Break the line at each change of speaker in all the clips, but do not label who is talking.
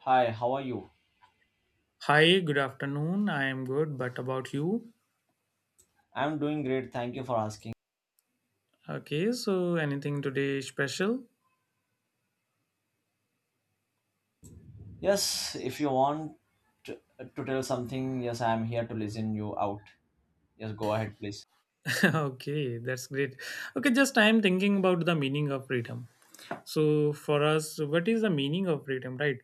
Hi, how are you?
Hi, good afternoon. I am good, but about you?
I'm doing great. Thank you for asking.
Okay, so anything today special?
Yes, if you want to, to tell something, yes, I'm here to listen you out. Yes, go ahead, please.
Okay, that's great. Okay, just I am thinking about the meaning of freedom. So, for us, what is the meaning of freedom, right?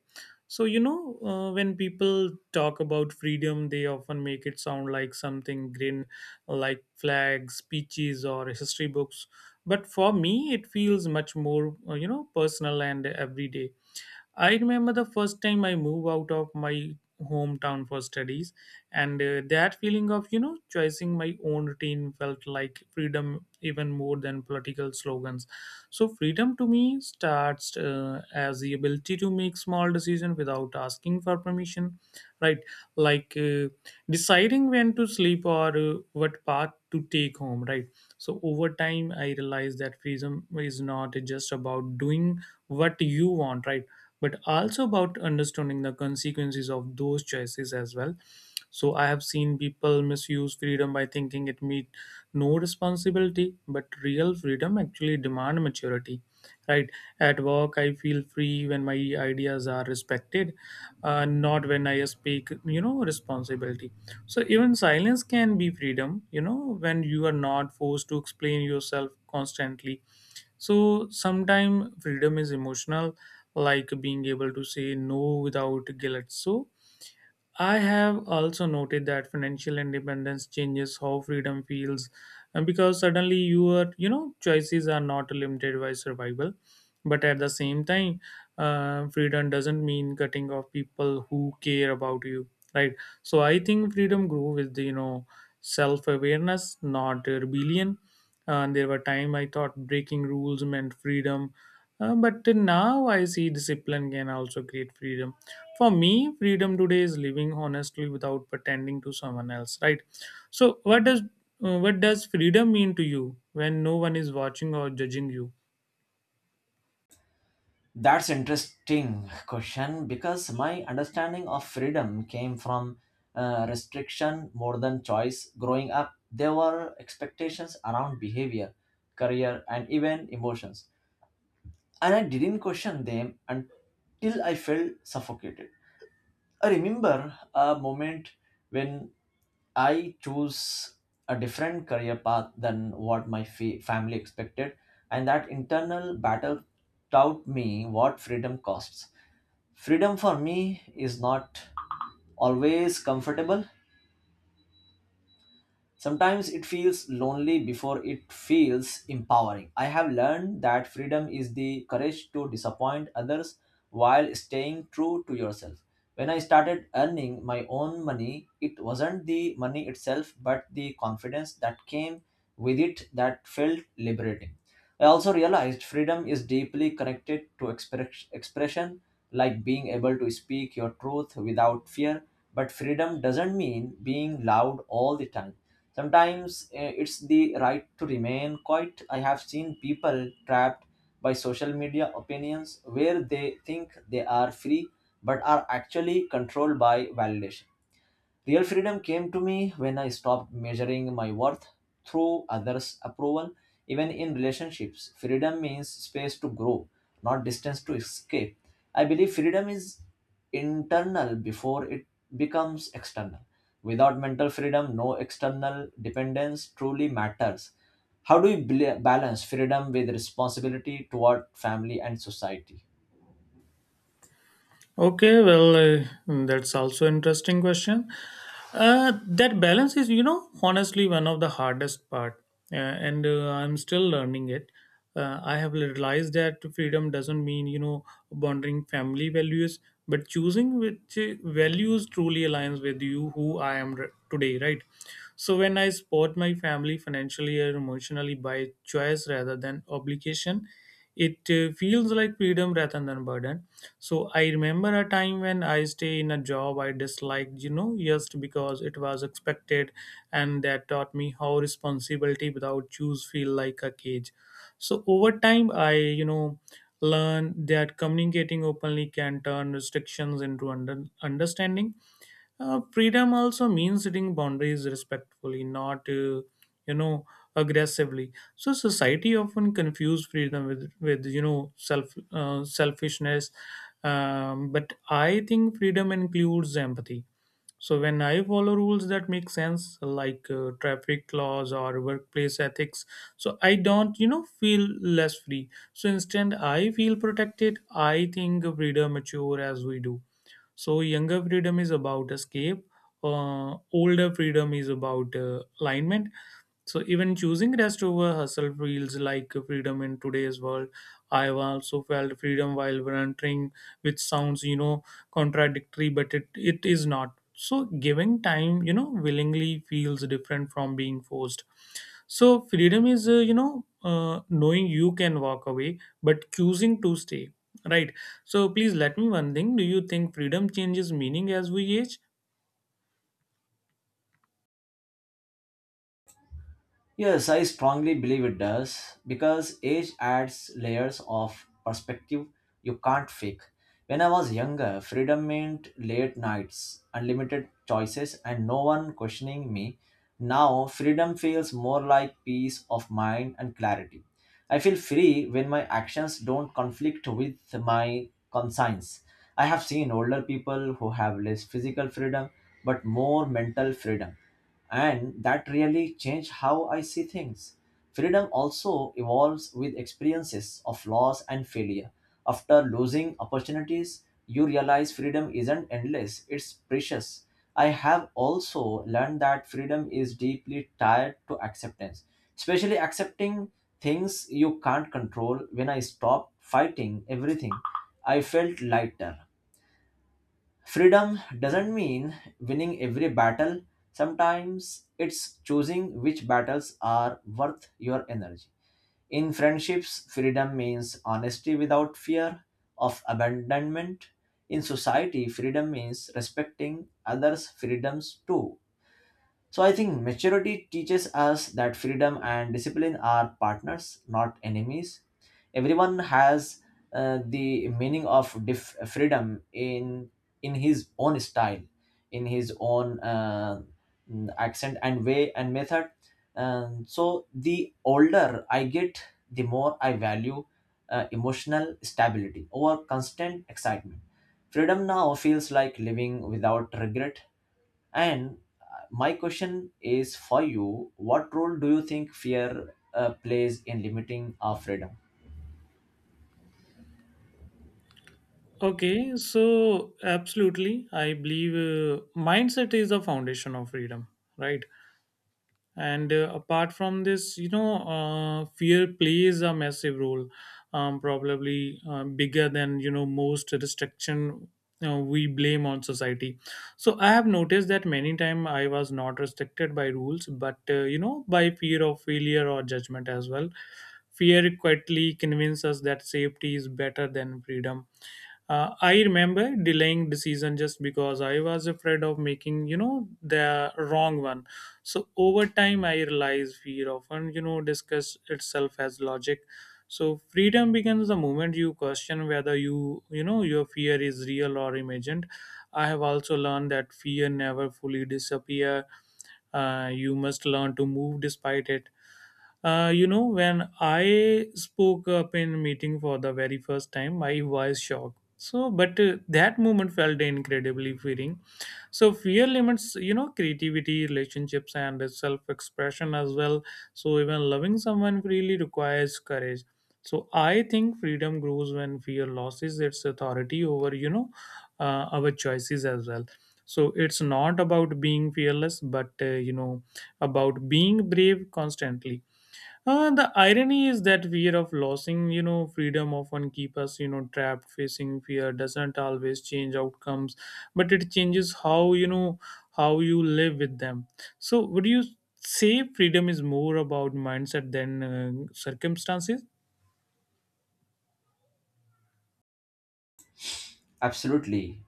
So, when people talk about freedom, they often make it sound like something green, like flags, speeches, or history books. But for me, it feels much more, personal and everyday. I remember the first time I moved out of my hometown for studies, and that feeling of, choosing my own routine felt like freedom even more than political slogans. So, freedom to me starts as the ability to make small decisions without asking for permission, right? Like deciding when to sleep or what path to take home, right? So, over time, I realized that freedom is not just about doing what you want, right? But also about understanding the consequences of those choices as well. So I have seen people misuse freedom by thinking it means no responsibility, but real freedom actually demand maturity. Right at work, I feel free when my ideas are respected, not when I speak, responsibility. So even silence can be freedom, when you are not forced to explain yourself constantly. So sometimes freedom is emotional, like being able to say no without guilt. So I have also noted that financial independence changes how freedom feels, and because suddenly your choices are not limited by survival, but at the same time, freedom doesn't mean cutting off people who care about you, right? So I think freedom grew with the self awareness, not rebellion. And there were time I thought breaking rules meant freedom, but now I see discipline can also create freedom. For me, freedom today is living honestly without pretending to someone else, right? So, what does freedom mean to you when no one is watching or judging you?
That's interesting question because my understanding of freedom came from restriction more than choice. Growing up, there were expectations around behavior, career, and even emotions, and I didn't question them until I felt suffocated. I remember a moment when I chose a different career path than what my family expected, and that internal battle taught me what freedom costs. Freedom for me is not always comfortable. Sometimes it feels lonely before it feels empowering. I have learned that freedom is the courage to disappoint others while staying true to yourself. When I started earning my own money, it wasn't the money itself, but the confidence that came with it that felt liberating. I also realized freedom is deeply connected to expression, like being able to speak your truth without fear. But freedom doesn't mean being loud all the time. Sometimes it's the right to remain quiet. I have seen people trapped by social media opinions where they think they are free but are actually controlled by validation. Real freedom came to me when I stopped measuring my worth through others' approval, even in relationships. Freedom means space to grow, not distance to escape. I believe freedom is internal before it becomes external. Without mental freedom, no external dependence truly matters. How do we balance freedom with responsibility toward family and society?
Okay, well, that's also interesting question. That balance is, honestly one of the hardest part, uh, and I'm still learning it. I have realized that freedom doesn't mean, bonding family values, but choosing which values truly aligns with you, who I am today, right? So when I support my family financially or emotionally by choice rather than obligation, it feels like freedom rather than burden. So I remember a time when I stay in a job I disliked, just because it was expected, and that taught me how responsibility without choose feel like a cage. So over time, I learned that communicating openly can turn restrictions into understanding. Freedom also means setting boundaries respectfully, not you know aggressively. So society often confuse freedom with self selfishness. But I think freedom includes empathy. So when I follow rules that make sense, like traffic laws or workplace ethics, so I don't, feel less free. So instead, I feel protected. I think freedom mature as we do. So younger freedom is about escape. Older freedom is about alignment. So even choosing rest over hustle feels like freedom in today's world. I've also felt freedom while volunteering, which sounds contradictory, but it is not. So giving time, willingly feels different from being forced. So freedom is, knowing you can walk away but choosing to stay, right? So please let me one thing. Do you think freedom changes meaning as we age?
Yes, I strongly believe it does because age adds layers of perspective you can't fake. When I was younger, freedom meant late nights, unlimited choices, and no one questioning me. Now, freedom feels more like peace of mind and clarity. I feel free when my actions don't conflict with my conscience. I have seen older people who have less physical freedom but more mental freedom, and that really changed how I see things. Freedom also evolves with experiences of loss and failure. After losing opportunities, you realize freedom isn't endless, it's precious. I have also learned that freedom is deeply tied to acceptance, especially accepting things you can't control. When I stopped fighting everything, I felt lighter. Freedom doesn't mean winning every battle. Sometimes it's choosing which battles are worth your energy. In friendships, freedom means honesty without fear of abandonment. In society, freedom means respecting others' freedoms too. So I think maturity teaches us that freedom and discipline are partners, not enemies. Everyone has the meaning of freedom in his own style, in his own accent and way and method. And so the older I get, the more I value emotional stability over constant excitement. Freedom now feels like living without regret, and my question is for you: what role do you think fear plays in limiting our freedom?
Okay, so absolutely, I believe mindset is the foundation of freedom, right? And apart from this fear plays a massive role, probably bigger than most restriction we blame on society. So I have noticed that many time I was not restricted by rules but by fear of failure or judgment as well. Fear quietly convinces us that safety is better than freedom. I remember delaying decision just because I was afraid of making, the wrong one. So over time, I realized fear often, discuss itself as logic. So freedom begins the moment you question whether your fear is real or imagined. I have also learned that fear never fully disappear. You must learn to move despite it. When I spoke up in meeting for the very first time, I was shocked, so, but that moment felt incredibly freeing. So, fear limits, creativity, relationships, and self expression as well. So, even loving someone freely requires courage. So, I think freedom grows when fear loses its authority over, our choices as well. So, it's not about being fearless, but, about being brave constantly. The irony is that fear of losing, freedom often keep us, trapped. Facing fear doesn't always change outcomes, but it changes how you live with them. So, would you say freedom is more about mindset than circumstances?
Absolutely.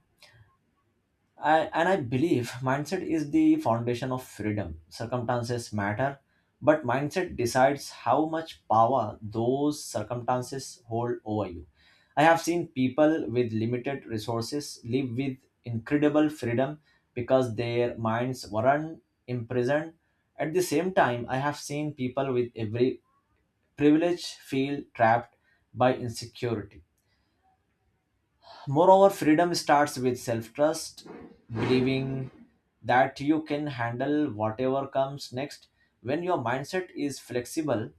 And I believe mindset is the foundation of freedom. Circumstances matter, but mindset decides how much power those circumstances hold over you. I have seen people with limited resources live with incredible freedom because their minds weren't imprisoned. At the same time, I have seen people with every privilege feel trapped by insecurity. Moreover, freedom starts with self trust, believing that you can handle whatever comes next. When your mindset is flexible,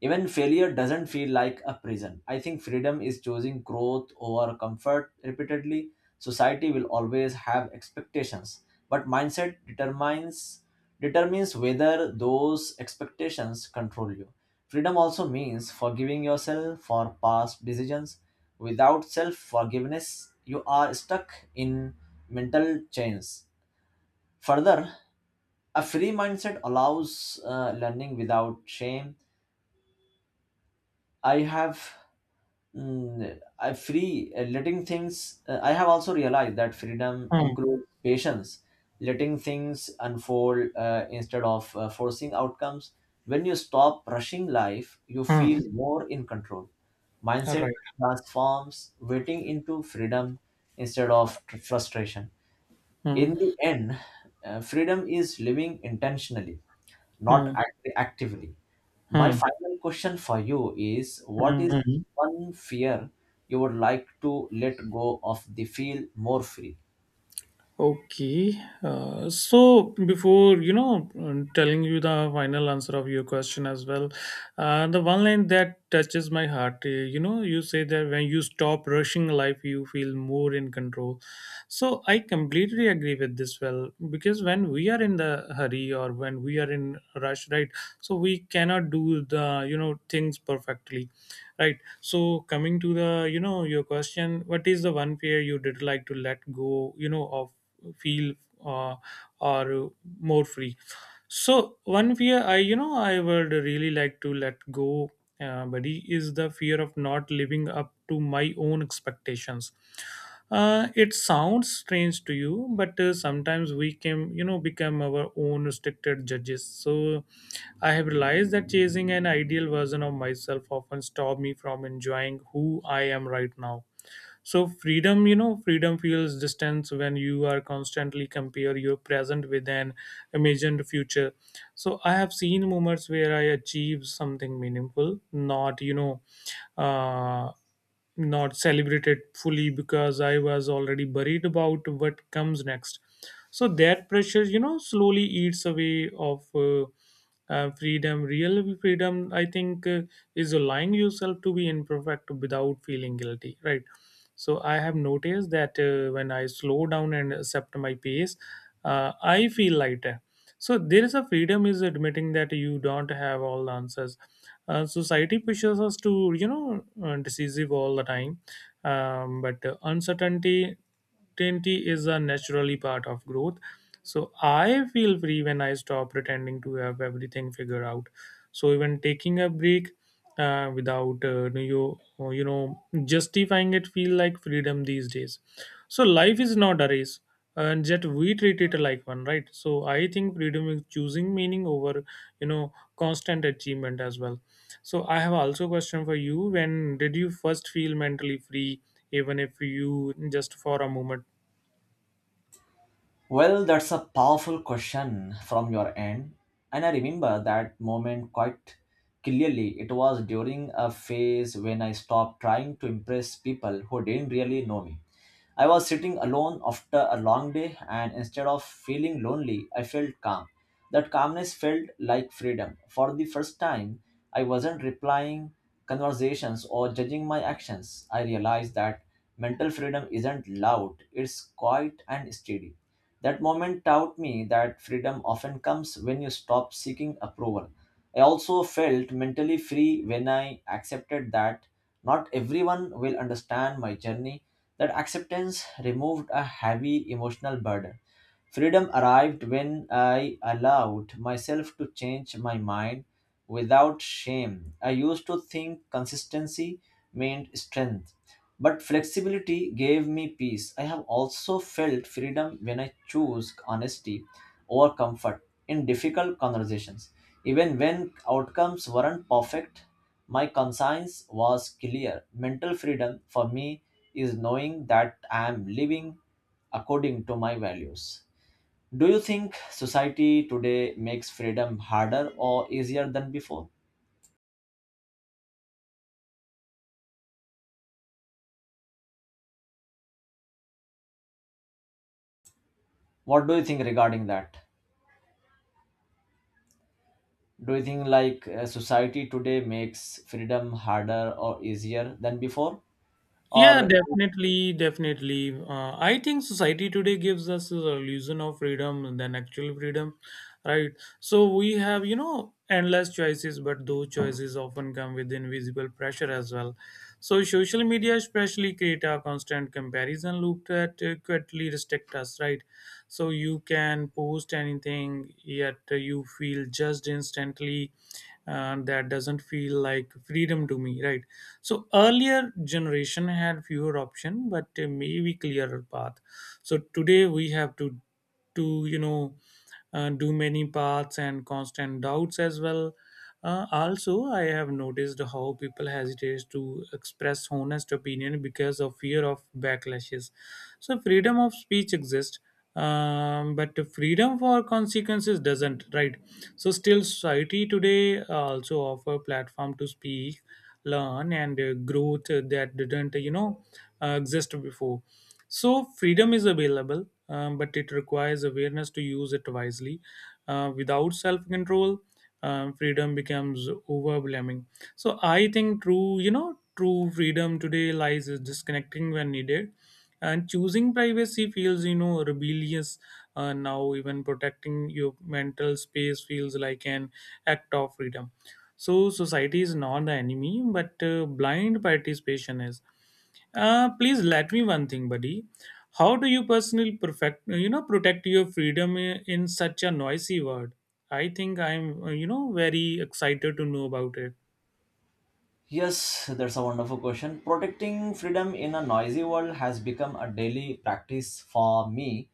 even failure doesn't feel like a prison. I think freedom is choosing growth over comfort repeatedly. Society will always have expectations, but mindset determines whether those expectations control you. Freedom also means forgiving yourself for past decisions. Without self-forgiveness, you are stuck in mental chains. Further, a free mindset allows learning without shame. I have Mm, I free letting things. I have also realized that freedom
Hmm.
includes patience, letting things unfold instead of forcing outcomes. When you stop rushing life, you
Hmm.
feel more in control.
All
Mindset
right.
transforms waiting into freedom instead of frustration.
Hmm.
In the end, freedom is living intentionally, not
Hmm.
actively. My
Hmm.
final question for you is: what is
Hmm.
one fear you would like to let go of the feel more free?
Okay. So before telling you the final answer of your question as well, the one line that touches my heart, you say that when you stop rushing life, you feel more in control. So I completely agree with this. Well, because when we are in the hurry or when we are in rush, right? So we cannot do the things perfectly, right? So coming to the your question, what is the one fear you did like to let go? You know of feel, uh, or more free. So one fear I you know I would really like to let go, buddy, is the fear of not living up to my own expectations. It sounds strange to you, but sometimes we can become our own restricted judges. So I have realized that chasing an ideal version of myself often stop me from enjoying who I am right now. So freedom, freedom feels distance when you are constantly compare your present with an imagined future. So I have seen moments where I achieved something meaningful, not uh, not celebrated fully because I was already worried about what comes next. So that pressure, slowly eats away of freedom. Real freedom, I think, is allowing yourself to be imperfect without feeling guilty, right? So I have noticed that when I slow down and accept my pace, I feel lighter. So there is a freedom is admitting that you don't have all the answers. So, society pushes us to decisive all the time, but uncertainty certainty is a naturally part of growth. So I feel free when I stop pretending to have everything figured out. So even taking a break, without justifying it feel like freedom these days. So life is not a race, and yet we treat it like one, right? So I think freedom is choosing meaning over, constant achievement as well. So I have also a question for you. When did you first feel mentally free, even if you just for a moment?
Well, that's a powerful question from your end. And I remember that moment quite clearly. It was during a phase when I stopped trying to impress people who didn't really know me. I was sitting alone after a long day, and instead of feeling lonely, I felt calm. That calmness felt like freedom. For the first time, I wasn't replying conversations or judging my actions. I realized that mental freedom isn't loud, it's quiet and steady. That moment taught me that freedom often comes when you stop seeking approval. I also felt mentally free when I accepted that not everyone will understand my journey. That acceptance removed a heavy emotional burden. Freedom arrived when I allowed myself to change my mind without shame. I used to think consistency meant strength, but flexibility gave me peace. I have also felt freedom when I choose honesty over comfort in difficult conversations, even when outcomes weren't perfect. My conscience was clear. Mental freedom for me is knowing that I am living according to my values. Do you think society today makes freedom harder or easier than before? What do you think regarding that? Do you think like, society today makes freedom harder or easier than before?
Yeah,
Or
definitely, definitely. I think society today gives us the illusion of freedom than actual freedom, right? So we have, endless choices, but those choices often come with invisible pressure as well. So social media especially create a constant comparison loop that quietly restrict us, right? So you can post anything, yet you feel judged instantly, and that doesn't feel like freedom to me, right? So earlier generation had fewer option but a maybe clearer path. So today we have to do many paths and constant doubts as well. Also I have noticed how people hesitate to express honest opinion because of fear of backlashes. So freedom of speech exists, but freedom for consequences doesn't, right? So still society today also offer platform to speak, learn and growth that didn't exist before. So freedom is available, but it requires awareness to use it wisely. Without self control, freedom becomes overwhelming. So I think true, true freedom today lies is disconnecting when needed, and choosing privacy feels, rebellious. Now even protecting your mental space feels like an act of freedom. So society is not the enemy, but blind participation is. Please let me one thing, buddy. How do you personally protect your freedom in such a noisy world? I think I'm very excited to know about it.
Yes, that's a wonderful question. Protecting freedom in a noisy world has become a daily practice for me.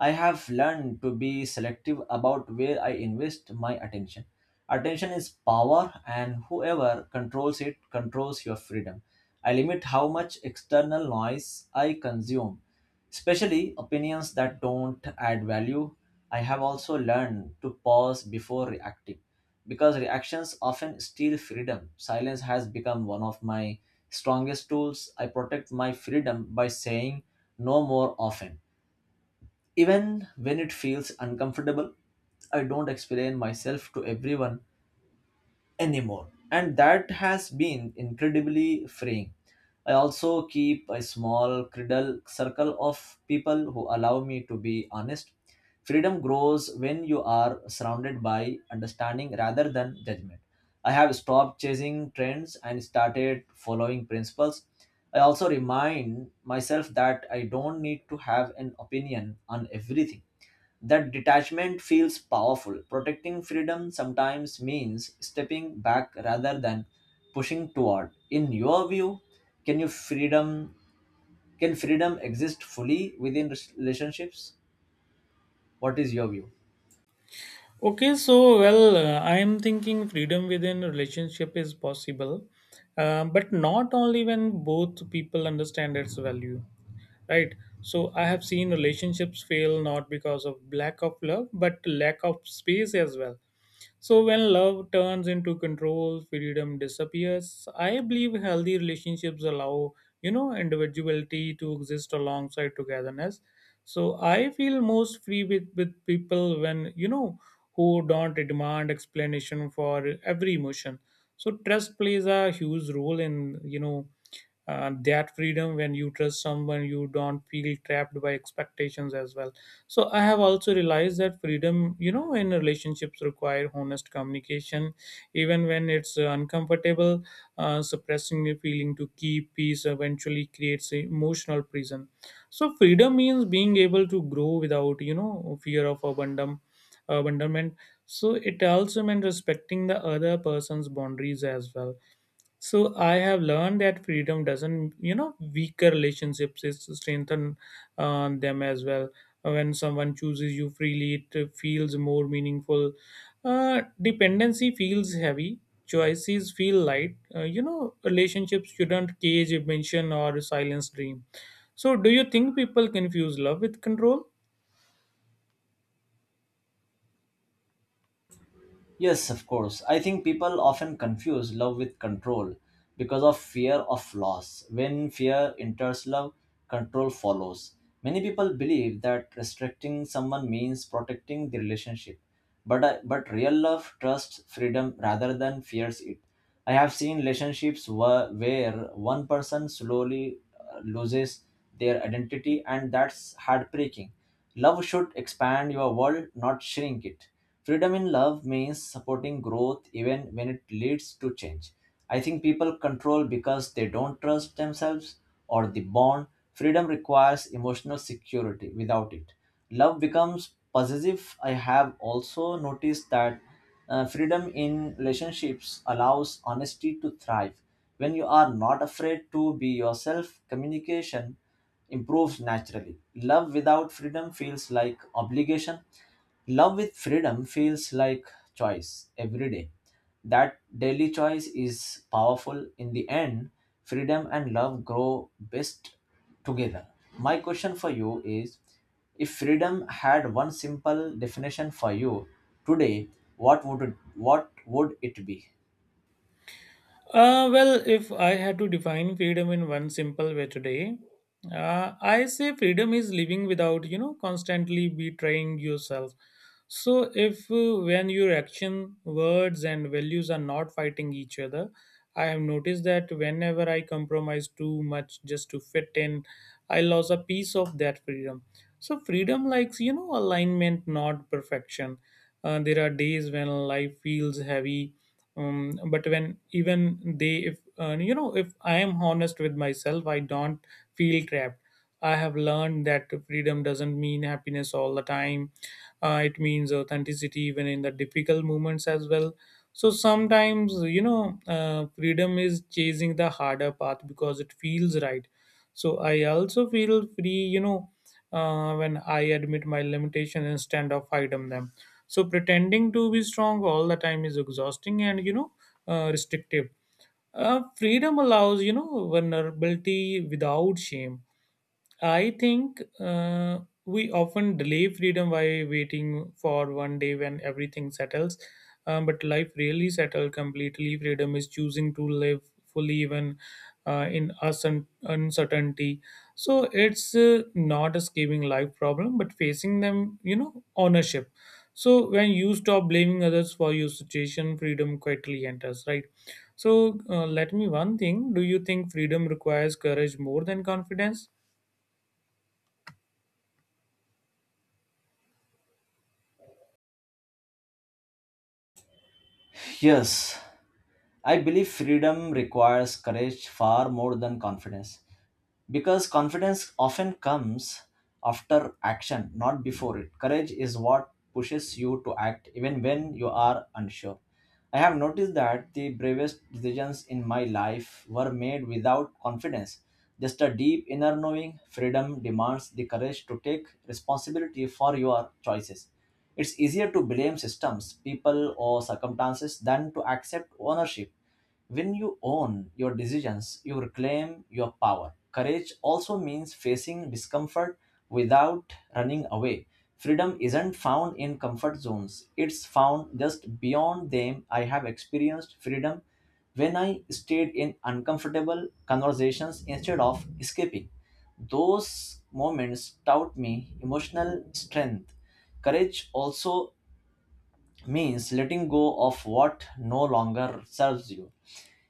I have learned to be selective about where I invest my attention. Attention is power, and whoever controls it controls your freedom. I limit how much external noise I consume, especially opinions that don't add value. I have also learned to pause before reacting because reactions often steal freedom. Silence has become one of my strongest tools. I protect my freedom by saying no more often. Even when it feels uncomfortable, I don't explain myself to everyone anymore. And that has been incredibly freeing. I also keep a small cradle circle of people who allow me to be honest. Freedom grows when you are surrounded by understanding rather than judgment. I have stopped chasing trends and started following principles. I also remind myself that I don't need to have an opinion on everything. That detachment feels powerful. Protecting freedom sometimes means stepping back rather than pushing toward. In your view, can you freedom can freedom exist fully within relationships? What is your view?
I am thinking freedom within relationship is possible, but not only when both people understand its value, right? So I have seen relationships fail not because of lack of love, but lack of space as well. So when love turns into control, freedom disappears. I believe healthy relationships allow, individuality to exist alongside togetherness. So I feel most free with people who don't demand explanation for every emotion. So trust plays a huge role in, that freedom. When you trust someone, you don't feel trapped by expectations as well. So I have also realized that freedom, in relationships require honest communication, even when it's uncomfortable. Suppressing a feeling to keep peace eventually creates a emotional prison. So freedom means being able to grow without, fear of abandonment. So it also meant respecting the other person's boundaries as well. So I have learned that freedom doesn't, weaker relationships is to strengthen them as well. When someone chooses you freely, it feels more meaningful. Dependency feels heavy. Choices feel light. Relationships shouldn't cage, mention, or silence dream. So, do you think people confuse love with control?
Yes, of course. I think people often confuse love with control because of fear of loss. When fear enters love, control follows. Many people believe that restricting someone means protecting the relationship, but I. but real love trusts freedom rather than fears it. I have seen relationships where one person slowly loses their identity, and that's heartbreaking. Love should expand your world, not shrink it. Freedom in love means supporting growth even when it leads to change. I think people control because they don't trust themselves or the bond. Freedom requires emotional security. Without it, love becomes possessive. I have also noticed that freedom in relationships allows honesty to thrive. When you are not afraid to be yourself, communication improves naturally. Love without freedom feels like obligation. Love with freedom feels like choice every day. That daily choice is powerful. In the end, freedom and love grow best together. My question for you is: if freedom had one simple definition for you today, what would it be?
If I had to define freedom in one simple way today, I say freedom is living without, constantly betraying yourself. So, if when your action, words, and values are not fighting each other, I have noticed that whenever I compromise too much just to fit in, I lose a piece of that freedom. So, freedom likes, alignment, not perfection. There are days when life feels heavy, but when even they if you know if I am honest with myself, I don't feel trapped. I have learned that freedom doesn't mean happiness all the time. It means authenticity even in the difficult moments as well. So sometimes, freedom is chasing the harder path because it feels right. So I also feel free, when I admit my limitation instead of hide them. So pretending to be strong all the time is exhausting and, restrictive. Freedom allows, vulnerability without shame. I think we often delay freedom by waiting for one day when everything settles. But life really settle completely. Freedom is choosing to live fully even in uncertainty. So it's not escaping life problem, but facing them, ownership. So when you stop blaming others for your situation, freedom quietly enters, right? So let me one thing. Do you think freedom requires courage more than confidence?
Yes, I believe freedom requires courage far more than confidence, because confidence often comes after action, not before it. Courage is what pushes you to act even when you are unsure. I have noticed that the bravest decisions in my life were made without confidence, just a deep inner knowing. Freedom demands the courage to take responsibility for your choices. It's easier to blame systems, people, or circumstances than to accept ownership. When you own your decisions, you reclaim your power. Courage also means facing discomfort without running away. Freedom isn't found in comfort zones, it's found just beyond them. I have experienced freedom when I stayed in uncomfortable conversations instead of escaping. Those moments taught me emotional strength. Courage also means letting go of what no longer serves you,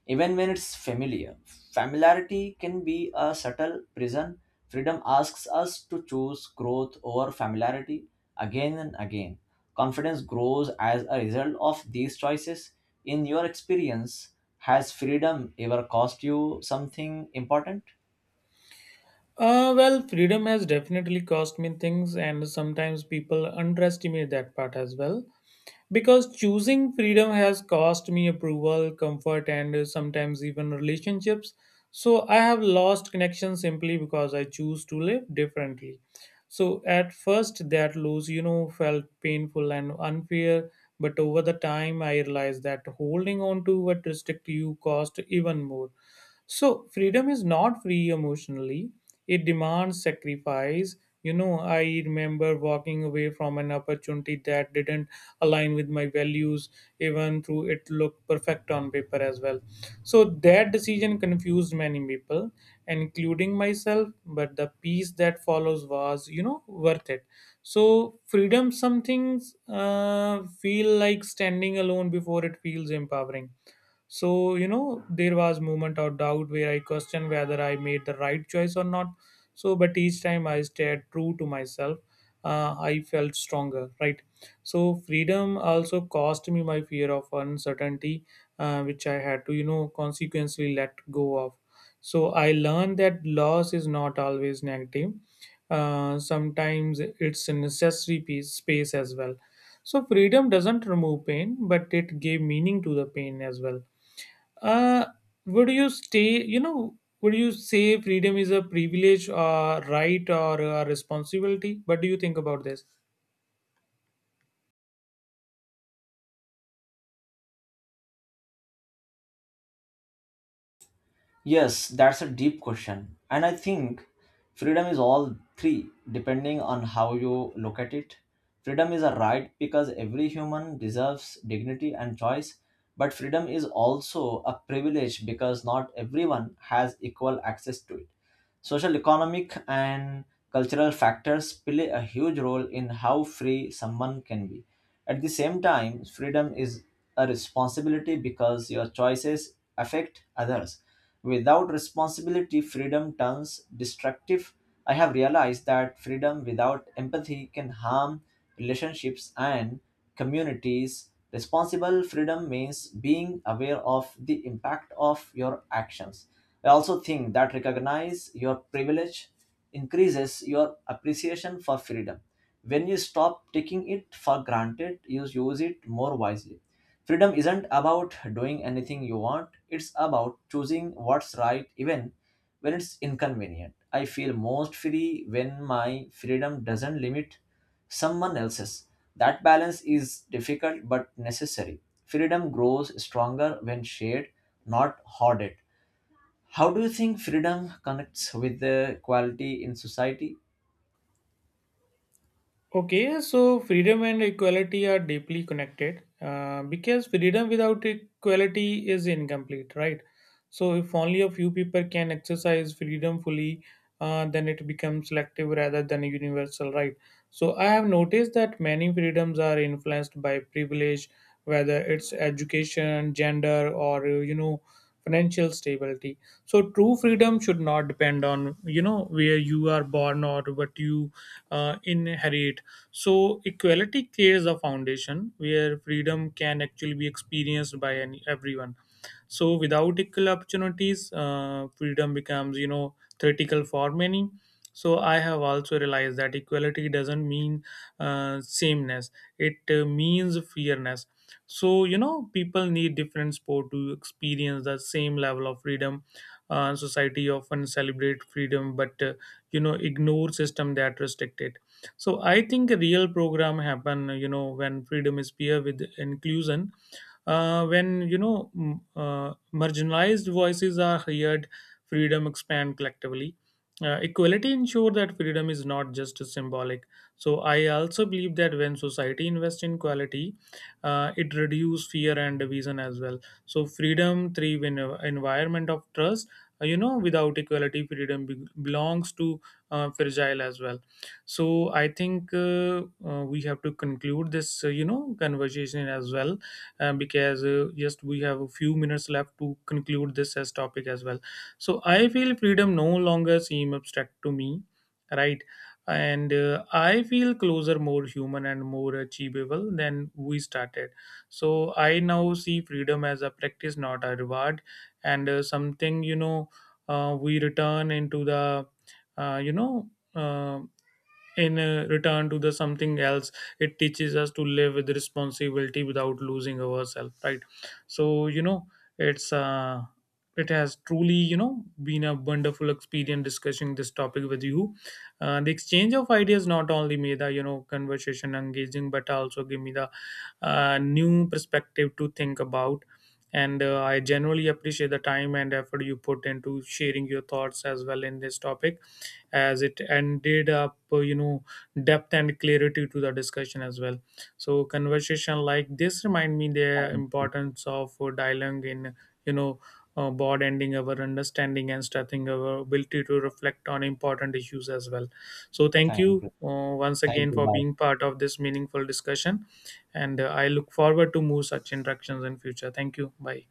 even when it's familiar. Familiarity can be a subtle prison. Freedom asks us to choose growth over familiarity again and again. Confidence grows as a result of these choices. In your experience, has freedom ever cost you something important?
Freedom has definitely cost me things, and sometimes people underestimate that part as well. Because choosing freedom has cost me approval, comfort, and sometimes even relationships. So I have lost connection simply because I choose to live differently. So at first, that loss, felt painful and unfair. But over the time, I realized that holding on to what restrict you cost even more. So freedom is not free emotionally. It demands sacrifice. You know, I remember walking away from an opportunity that didn't align with my values, even though it looked perfect on paper as well. So that decision confused many people, including myself, but the peace that follows was, worth it. So freedom some things feel like standing alone before it feels empowering. So, there was moment of doubt where I questioned whether I made the right choice or not. So, but each time I stayed true to myself, I felt stronger, right? So, freedom also cost me my fear of uncertainty, which I had to, consequently let go of. So, I learned that loss is not always negative. Sometimes it's a necessary piece, space as well. So, freedom doesn't remove pain, but it gave meaning to the pain as well. Uh, would you stay, you know, Would you say freedom is a privilege or right or a responsibility? What do you think about this?
Yes, that's a deep question. And I think freedom is all three, depending on how you look at it. Freedom is a right because every human deserves dignity and choice, but freedom is also a privilege because not everyone has equal access to it. Social, economic, and cultural factors play a huge role in how free someone can be. At the same time, freedom is a responsibility because your choices affect others. Without responsibility, freedom turns destructive. I have realized that freedom without empathy can harm relationships and communities. Responsible freedom means being aware of the impact of your actions. I also think that recognize your privilege increases your appreciation for freedom. When you stop taking it for granted, you use it more wisely. Freedom isn't about doing anything you want, it's about choosing what's right even when it's inconvenient. I feel most free when my freedom doesn't limit someone else's. That balance is difficult but necessary. Freedom grows stronger when shared, not hoarded. How do you think freedom connects with the quality in society?
Okay, so freedom and equality are deeply connected because freedom without equality is incomplete, right? So, if only a few people can exercise freedom fully, then it becomes selective rather than universal, right? So, I have noticed that many freedoms are influenced by privilege, whether it's education, gender, or financial stability. So, true freedom should not depend on, where you are born or what you inherit. So equality creates a foundation where freedom can actually be experienced by everyone. So without equal opportunities, freedom becomes, theoretical for many. So I have also realized that equality doesn't mean sameness; it means fairness. So, people need different sport to experience the same level of freedom. Society often celebrate freedom, but, ignore system that restrict it. So I think a real program happen, when freedom is paired with inclusion. When you know m- Marginalized voices are heard. Freedom expand collectively. Equality ensure that freedom is not just symbolic. So I also believe that when society invests in quality, it reduces fear and division as well. So freedom thrive in an environment of trust. Without equality freedom belongs to fragile as well. So I think we have to conclude this, conversation as well, because just we have a few minutes left to conclude this as topic as well. So I feel freedom no longer seem abstract to me, right? And I feel closer, more human, and more achievable than we started. So I now see freedom as a practice, not a reward, and something, we return into the you know. In return to the something else. It teaches us to live with responsibility without losing ourselves, right? so you know it's uh it has truly, been a wonderful experience discussing this topic with you. The exchange of ideas not only made the, conversation engaging but also give me the new perspective to think about. And I generally appreciate the time and effort you put into sharing your thoughts as well in this topic, as it ended up, depth and clarity to the discussion as well. So conversation like this remind me the importance of dialogue in, you know broad our understanding and strengthening our ability to reflect on important issues as well. So thank
Thank
you
you.
once
Thank
again
you.
for being
Bye.
part of this meaningful discussion. And I look forward to more such interactions in future. Thank you. Bye.